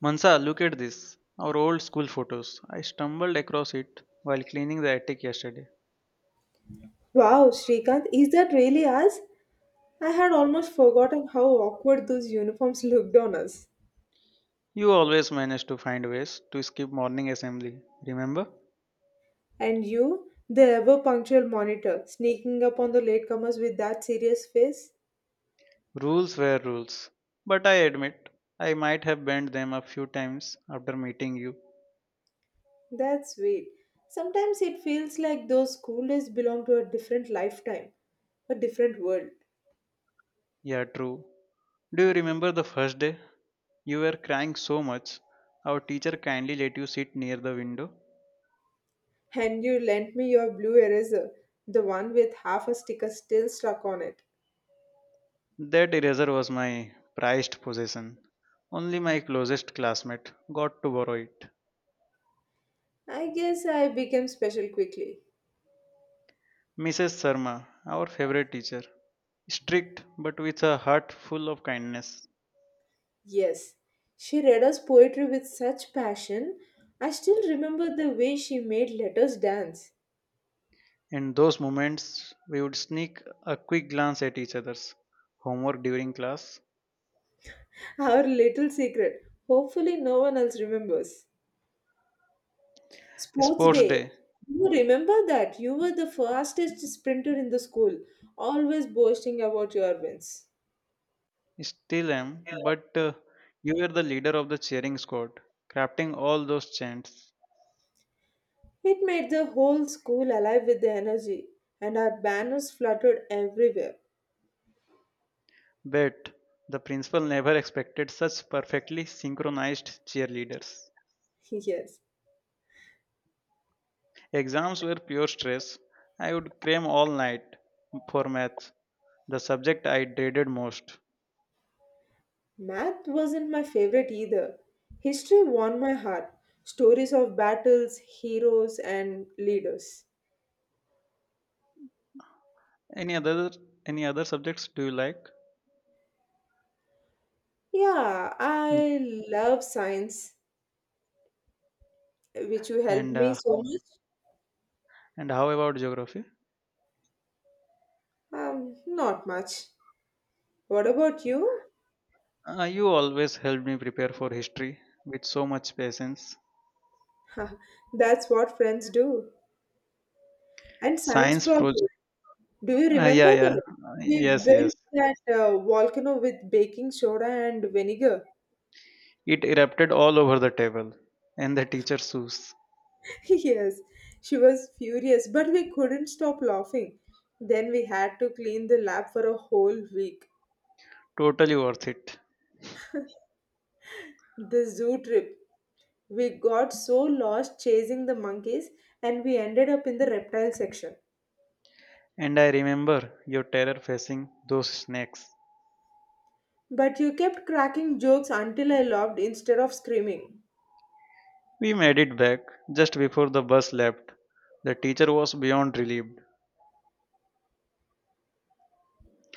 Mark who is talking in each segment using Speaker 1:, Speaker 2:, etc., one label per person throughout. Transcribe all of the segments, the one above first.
Speaker 1: Mansa, look at this. Our old school photos. I stumbled across it while cleaning the attic yesterday.
Speaker 2: Wow, Srikanth, is that really us? I had almost forgotten how awkward those uniforms looked on us.
Speaker 1: You always managed to find ways to skip morning assembly, remember?
Speaker 2: And you, the ever punctual monitor, sneaking up on the latecomers with that serious face?
Speaker 1: Rules were rules. But I admit, I might have bent them a few times after meeting you.
Speaker 2: That's sweet. Sometimes it feels like those school days belong to a different lifetime, a different world.
Speaker 1: Yeah, true. Do you remember the first day? You were crying so much, our teacher kindly let you sit near the window.
Speaker 2: And you lent me your blue eraser, the one with half a sticker still stuck on it.
Speaker 1: That eraser was my prized possession. Only my closest classmate got to borrow it.
Speaker 2: I guess I became special quickly.
Speaker 1: Mrs. Sharma, our favorite teacher, strict but with a heart full of kindness.
Speaker 2: Yes, she read us poetry with such passion. I still remember the way she made letters dance.
Speaker 1: In those moments, we would sneak a quick glance at each other's homework during class.
Speaker 2: Our little secret. Hopefully, no one else remembers. Sports
Speaker 1: Sports
Speaker 2: day.
Speaker 1: day,
Speaker 2: You remember that? You were the fastest sprinter in the school, always boasting about your wins.
Speaker 1: still am, but you were the leader of the cheering squad, crafting all those chants.
Speaker 2: It made the whole school alive with the energy, and our banners fluttered everywhere.
Speaker 1: Bet the principal never expected such perfectly synchronized cheerleaders.
Speaker 2: Yes.
Speaker 1: Exams were pure stress. I would cram all night for maths, the subject I dreaded most.
Speaker 2: Math wasn't my favorite either. History won my heart. Stories of battles, heroes, and leaders.
Speaker 1: Any other any other subjects do you like?
Speaker 2: Yeah, I love science, which you helped
Speaker 1: And
Speaker 2: me
Speaker 1: uh,
Speaker 2: so much.
Speaker 1: and how about geography?
Speaker 2: Not much. What about you?
Speaker 1: You always helped me prepare for history with so much patience.
Speaker 2: Ha, that's what friends do. And science
Speaker 1: Science
Speaker 2: project.
Speaker 1: project.
Speaker 2: Do you
Speaker 1: Uh,
Speaker 2: remember
Speaker 1: yeah, yeah.
Speaker 2: that?
Speaker 1: Uh,
Speaker 2: We
Speaker 1: Yes, yes.
Speaker 2: built that volcano with baking soda and vinegar.
Speaker 1: It erupted all over the table and the teacher's shoes.
Speaker 2: Yes, she was furious, but we couldn't stop laughing. Then we had to clean the lab for a whole week.
Speaker 1: Totally worth it.
Speaker 2: The zoo trip. We got so lost chasing the monkeys and we ended up in the reptile section.
Speaker 1: And I remember your terror facing those snakes.
Speaker 2: But you kept cracking jokes until I laughed instead of screaming.
Speaker 1: We made it back just before the bus left. The teacher was beyond relieved.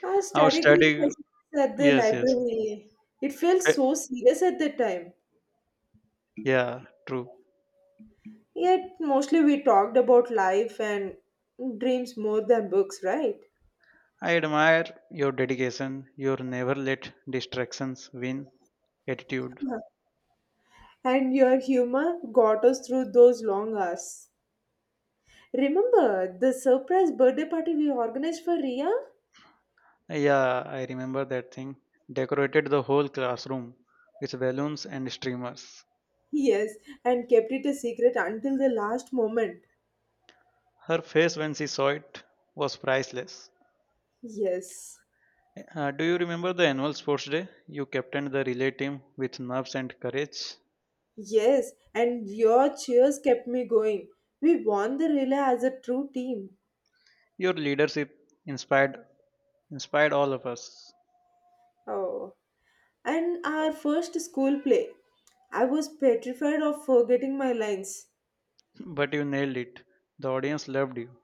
Speaker 2: Our
Speaker 1: Our
Speaker 2: study group
Speaker 1: study,
Speaker 2: sessions at the
Speaker 1: yes, yes.
Speaker 2: library, it felt
Speaker 1: Eh,
Speaker 2: so serious at the time.
Speaker 1: yeah, true.
Speaker 2: Yet mostly we talked about life and dreams more than books, right?
Speaker 1: I admire your dedication, your never let distractions win attitude.
Speaker 2: And your humor got us through those long hours. Remember the surprise birthday party we organized for Ria?
Speaker 1: Yeah, I remember that thing. Decorated the whole classroom with balloons and streamers.
Speaker 2: Yes, and kept it a secret until the last moment.
Speaker 1: Her face when she saw it was priceless.
Speaker 2: Yes,
Speaker 1: Do you remember the annual sports day? You captained the relay team with nerves and courage.
Speaker 2: yes, and your cheers kept me going. We won the relay as a true team.
Speaker 1: Your leadership inspired inspired all of us,
Speaker 2: Oh, and our first school play. I was petrified of forgetting my lines.
Speaker 1: but you nailed it. The audience loved you.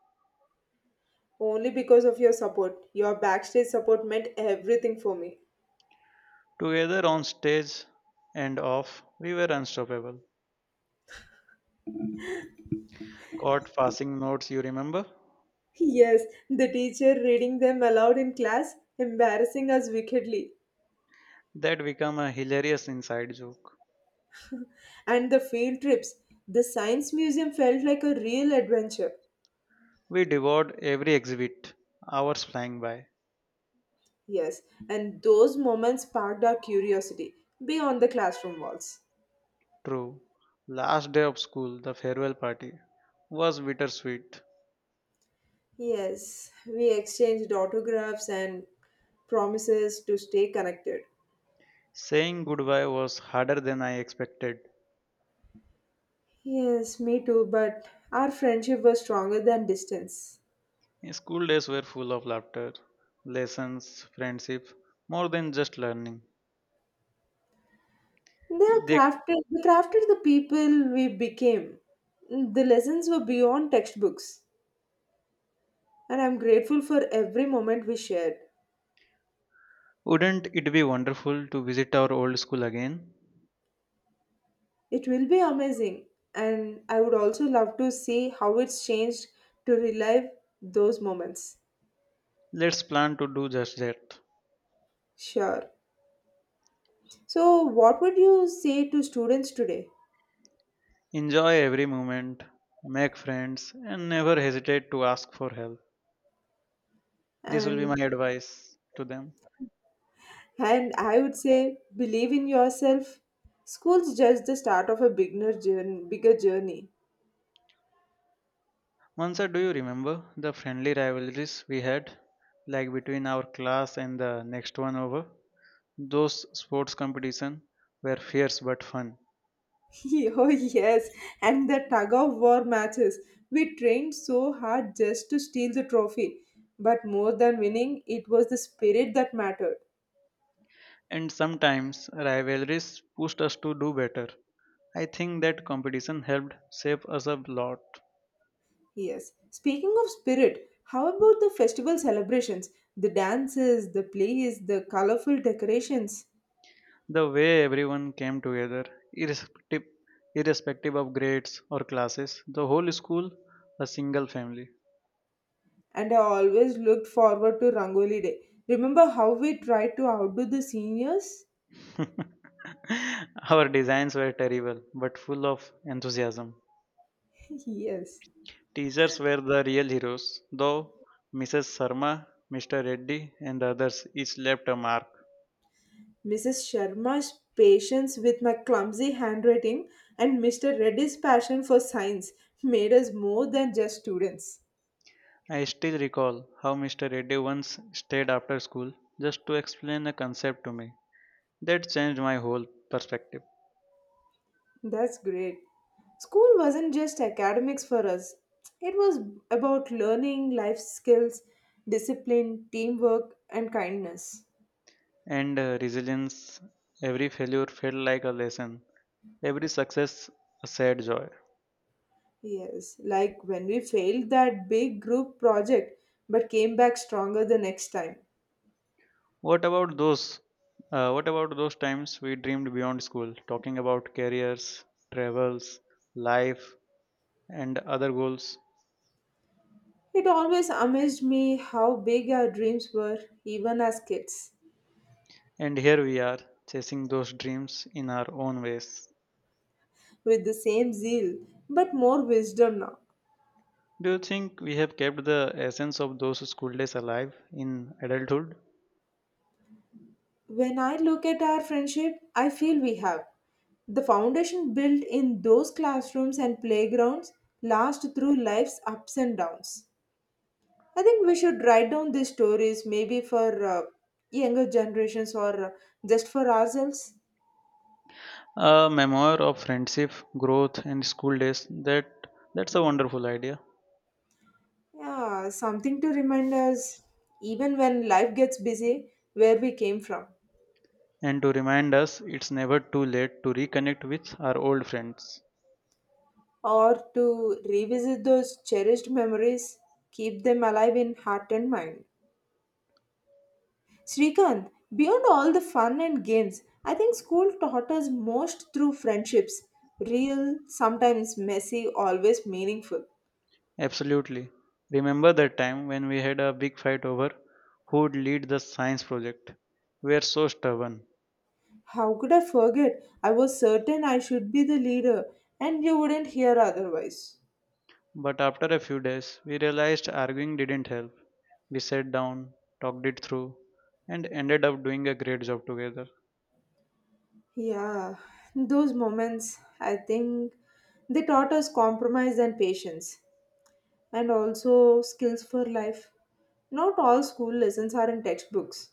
Speaker 2: Only because of your support. Your backstage support meant everything for me.
Speaker 1: Together on stage and off, we were unstoppable. Caught passing notes, you remember?
Speaker 2: Yes, the teacher reading them aloud in class, embarrassing us wickedly.
Speaker 1: That became a hilarious inside joke.
Speaker 2: And the field trips, the science museum felt like a real adventure.
Speaker 1: We devoured every exhibit, hours flying by.
Speaker 2: Yes, and those moments sparked our curiosity beyond the classroom walls.
Speaker 1: True. Last day of school, the farewell party, was bittersweet.
Speaker 2: Yes, we exchanged autographs and promises to stay connected.
Speaker 1: Saying goodbye was harder than I expected.
Speaker 2: Yes, me too, but our friendship was stronger than distance.
Speaker 1: Yeah, school days were full of laughter, lessons, friendship, more than just learning.
Speaker 2: They are
Speaker 1: They,
Speaker 2: crafted, they crafted the people we became. The lessons were beyond textbooks, and I'm grateful for every moment we shared.
Speaker 1: wouldn't it be wonderful to visit our old school again?
Speaker 2: It will be amazing, and I would also love to see how it's changed to relive those moments.
Speaker 1: Let's plan to do just that.
Speaker 2: Sure. So, what would you say to students today?
Speaker 1: Enjoy every moment, make friends, and never hesitate to ask for help. This will be
Speaker 2: And
Speaker 1: my advice to them.
Speaker 2: and I would say, believe in yourself. School's just the start of a beginner journey, bigger journey.
Speaker 1: Mansa, do you remember the friendly rivalries we had, like between our class and the next one over? Those sports competition were fierce but fun.
Speaker 2: Oh yes, and the tug of war matches. We trained so hard just to steal the trophy. But more than winning, it was the spirit that mattered.
Speaker 1: And sometimes rivalries pushed us to do better. I think that competition helped shape us a lot.
Speaker 2: Yes. Speaking of spirit, how about the festival celebrations? The dances, the plays, the colorful decorations.
Speaker 1: The way everyone came together, irrespective, irrespective of grades or classes, the whole school, a single family.
Speaker 2: And I always looked forward to Rangoli Day. Remember how we tried to outdo the seniors?
Speaker 1: Our designs were terrible, but full of enthusiasm.
Speaker 2: Yes.
Speaker 1: Teachers were the real heroes, though. Mrs. Sharma, Mr. Reddy, and the others each left a mark.
Speaker 2: Mrs. Sharma's patience with my clumsy handwriting and Mr. Reddy's passion for science made us more than just students.
Speaker 1: I still recall how Mr. Reddy once stayed after school just to explain a concept to me. That changed my whole perspective
Speaker 2: That's great. School wasn't just academics for us, it was about learning life skills, discipline, teamwork, and kindness.
Speaker 1: and resilience. Every failure felt like a lesson, every success a sad joy.
Speaker 2: Yes, like when we failed that big group project but came back stronger the next time.
Speaker 1: What about those? What about those times we dreamed beyond school, talking about careers, travels, life, and other goals?
Speaker 2: It always amazed me how big our dreams were, even as kids.
Speaker 1: And here we are, chasing those dreams in our own ways.
Speaker 2: With the same zeal, but more wisdom now.
Speaker 1: Do you think we have kept the essence of those school days alive in adulthood?
Speaker 2: When I look at our friendship, I feel we have. The foundation built in those classrooms and playgrounds last through life's ups and downs. I think we should write down these stories maybe for younger generations or just for ourselves.
Speaker 1: A memoir of friendship, growth, and school days. That's a wonderful idea.
Speaker 2: Yeah, something to remind us even when life gets busy where we came from.
Speaker 1: And to remind us, it's never too late to reconnect with our old friends.
Speaker 2: Or to revisit those cherished memories, keep them alive in heart and mind. Srikanth, beyond all the fun and games, I think school taught us most through friendships real, sometimes messy, always meaningful.
Speaker 1: Absolutely. Remember that time when we had a big fight over who'd lead the science project. We were so stubborn.
Speaker 2: How could I forget? I was certain I should be the leader, and you wouldn't hear otherwise.
Speaker 1: But after a few days, we realized arguing didn't help. We sat down, talked it through, and ended up doing a great job together.
Speaker 2: Yeah, those moments, I think they taught us compromise and patience. And also skills for life. Not all school lessons are in textbooks.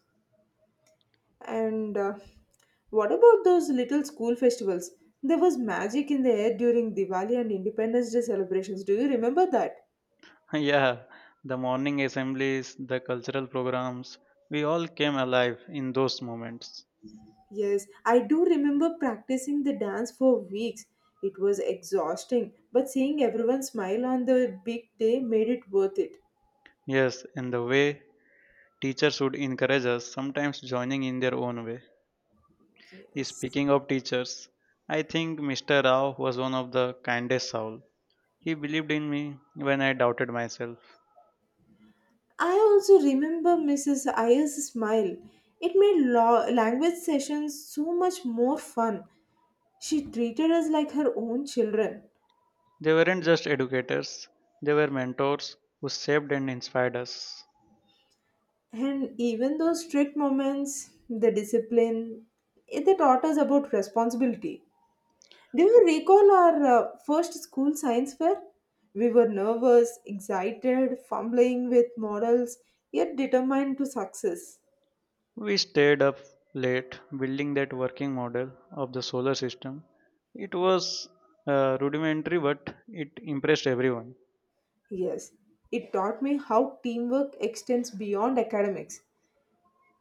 Speaker 2: And what about those little school festivals? There was magic in the air during Diwali and Independence Day celebrations. Do you remember that?
Speaker 1: Yeah, the morning assemblies, the cultural programs, we all came alive in those moments.
Speaker 2: Yes, I do remember practicing the dance for weeks. It was exhausting, but seeing everyone smile on the big day made it worth it.
Speaker 1: Yes, in the way teachers would encourage us, sometimes joining in their own way.
Speaker 2: Yes.
Speaker 1: Speaking of teachers, I think Mr. Rao was one of the kindest soul. He believed in me when I doubted myself.
Speaker 2: I also remember Mrs. Iyer's smile. It made language sessions so much more fun. She treated us like her own children.
Speaker 1: They weren't just educators, they were mentors who shaped and inspired us.
Speaker 2: And even those strict moments, the discipline, they taught us about responsibility. Do you recall our first school science fair? We were nervous, excited, fumbling with models, yet determined to success.
Speaker 1: We stayed up late building that working model of the solar system. It was rudimentary, but it impressed everyone.
Speaker 2: Yes, it taught me how teamwork extends beyond academics.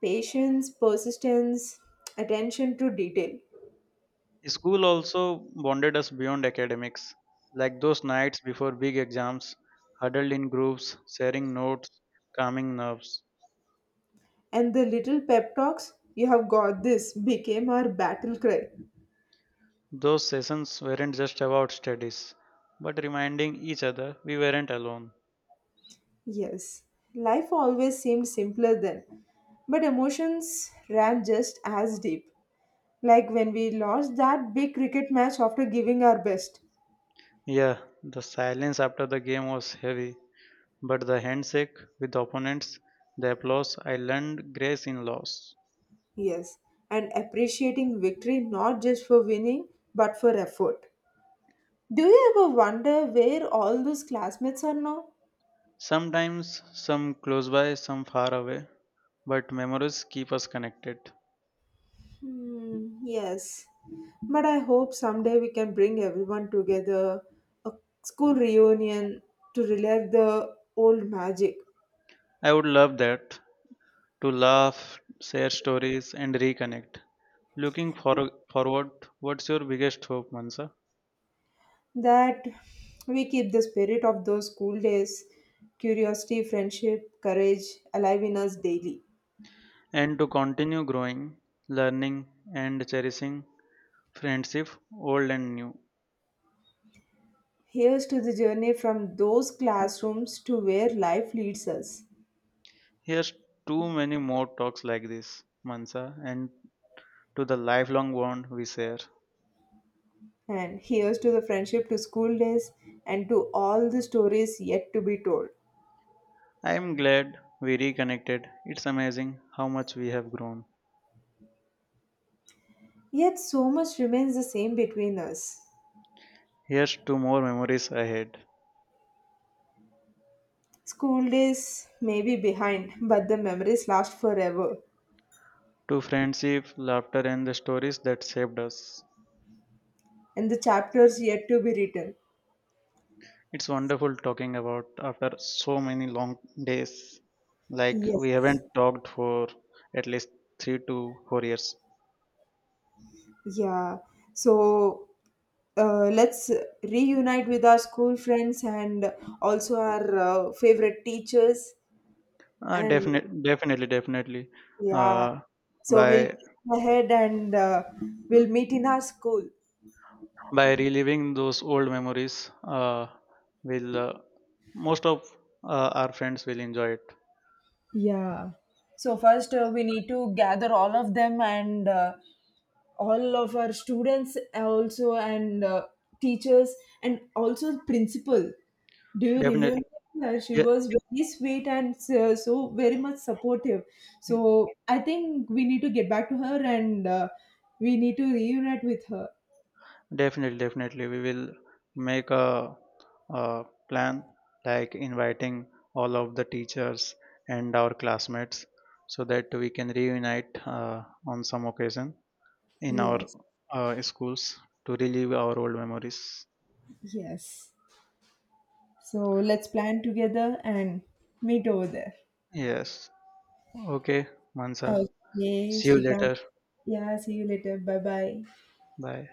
Speaker 2: Patience, persistence, attention to detail.
Speaker 1: School also bonded us beyond academics, like those nights before big exams, huddled in groups, sharing notes, calming nerves.
Speaker 2: And the little pep talks, you have got this, became our battle cry.
Speaker 1: Those sessions weren't just about studies, but reminding each other we weren't alone.
Speaker 2: Yes, life always seemed simpler then, but emotions ran just as deep. Like when we lost that big cricket match after giving our best.
Speaker 1: Yeah, the silence after the game was heavy, but the handshake with opponents, the applause, I learned grace in loss.
Speaker 2: Yes, and appreciating victory not just for winning, but for effort. Do you ever wonder where all those classmates are now?
Speaker 1: Sometimes some close by, some far away, but memories keep us connected.
Speaker 2: Hmm, yes, but I hope someday we can bring everyone together, a school reunion to relive the old magic.
Speaker 1: I would love that, to laugh, share stories, and reconnect. Looking forward, what's your biggest hope, Mansa?
Speaker 2: That we keep the spirit of those school days, curiosity, friendship, courage alive in us daily.
Speaker 1: And to continue growing, learning, and cherishing friendship, old and new.
Speaker 2: Here's to the journey from those classrooms to where life leads us.
Speaker 1: Here's too many more talks like this, Mansa, and to the lifelong bond we share.
Speaker 2: And here's to the friendship to school days and to all the stories yet to be told.
Speaker 1: I am glad we reconnected. It's amazing how much we have grown.
Speaker 2: Yet so much remains the same between us.
Speaker 1: Here's to more memories ahead,
Speaker 2: School days may be behind, but the memories last forever,
Speaker 1: to friendship, laughter, and the stories that shaped us.
Speaker 2: and the chapters yet to be written.
Speaker 1: It's wonderful talking about after so many long days. Like we
Speaker 2: Yes.
Speaker 1: haven't talked for at least 3 to 4 years.
Speaker 2: Yeah. So let's reunite with our school friends and also our favorite teachers. And
Speaker 1: Definitely, definitely, definitely.
Speaker 2: yeah,
Speaker 1: Uh,
Speaker 2: so we'll
Speaker 1: by
Speaker 2: plan ahead and we'll meet in our school.
Speaker 1: by reliving those old memories uh, will most of our friends will enjoy it
Speaker 2: Yeah. So first, we need to gather all of them and all of our students also and teachers and also principal. Do you remember
Speaker 1: definitely.
Speaker 2: her? She
Speaker 1: Yeah,
Speaker 2: was very sweet and so very much supportive. So I think we need to get back to her and we need to reunite with her.
Speaker 1: definitely, definitely we will make a plan like inviting all of the teachers and our classmates so that we can reunite on some occasion in our
Speaker 2: Yes.
Speaker 1: schools to relive our old memories.
Speaker 2: Yes. So let's plan together and meet over there.
Speaker 1: Yes. Okay, Mansa,
Speaker 2: Okay,
Speaker 1: see you
Speaker 2: Shrikant.
Speaker 1: later.
Speaker 2: Yeah, see you later. Bye bye.
Speaker 1: Bye.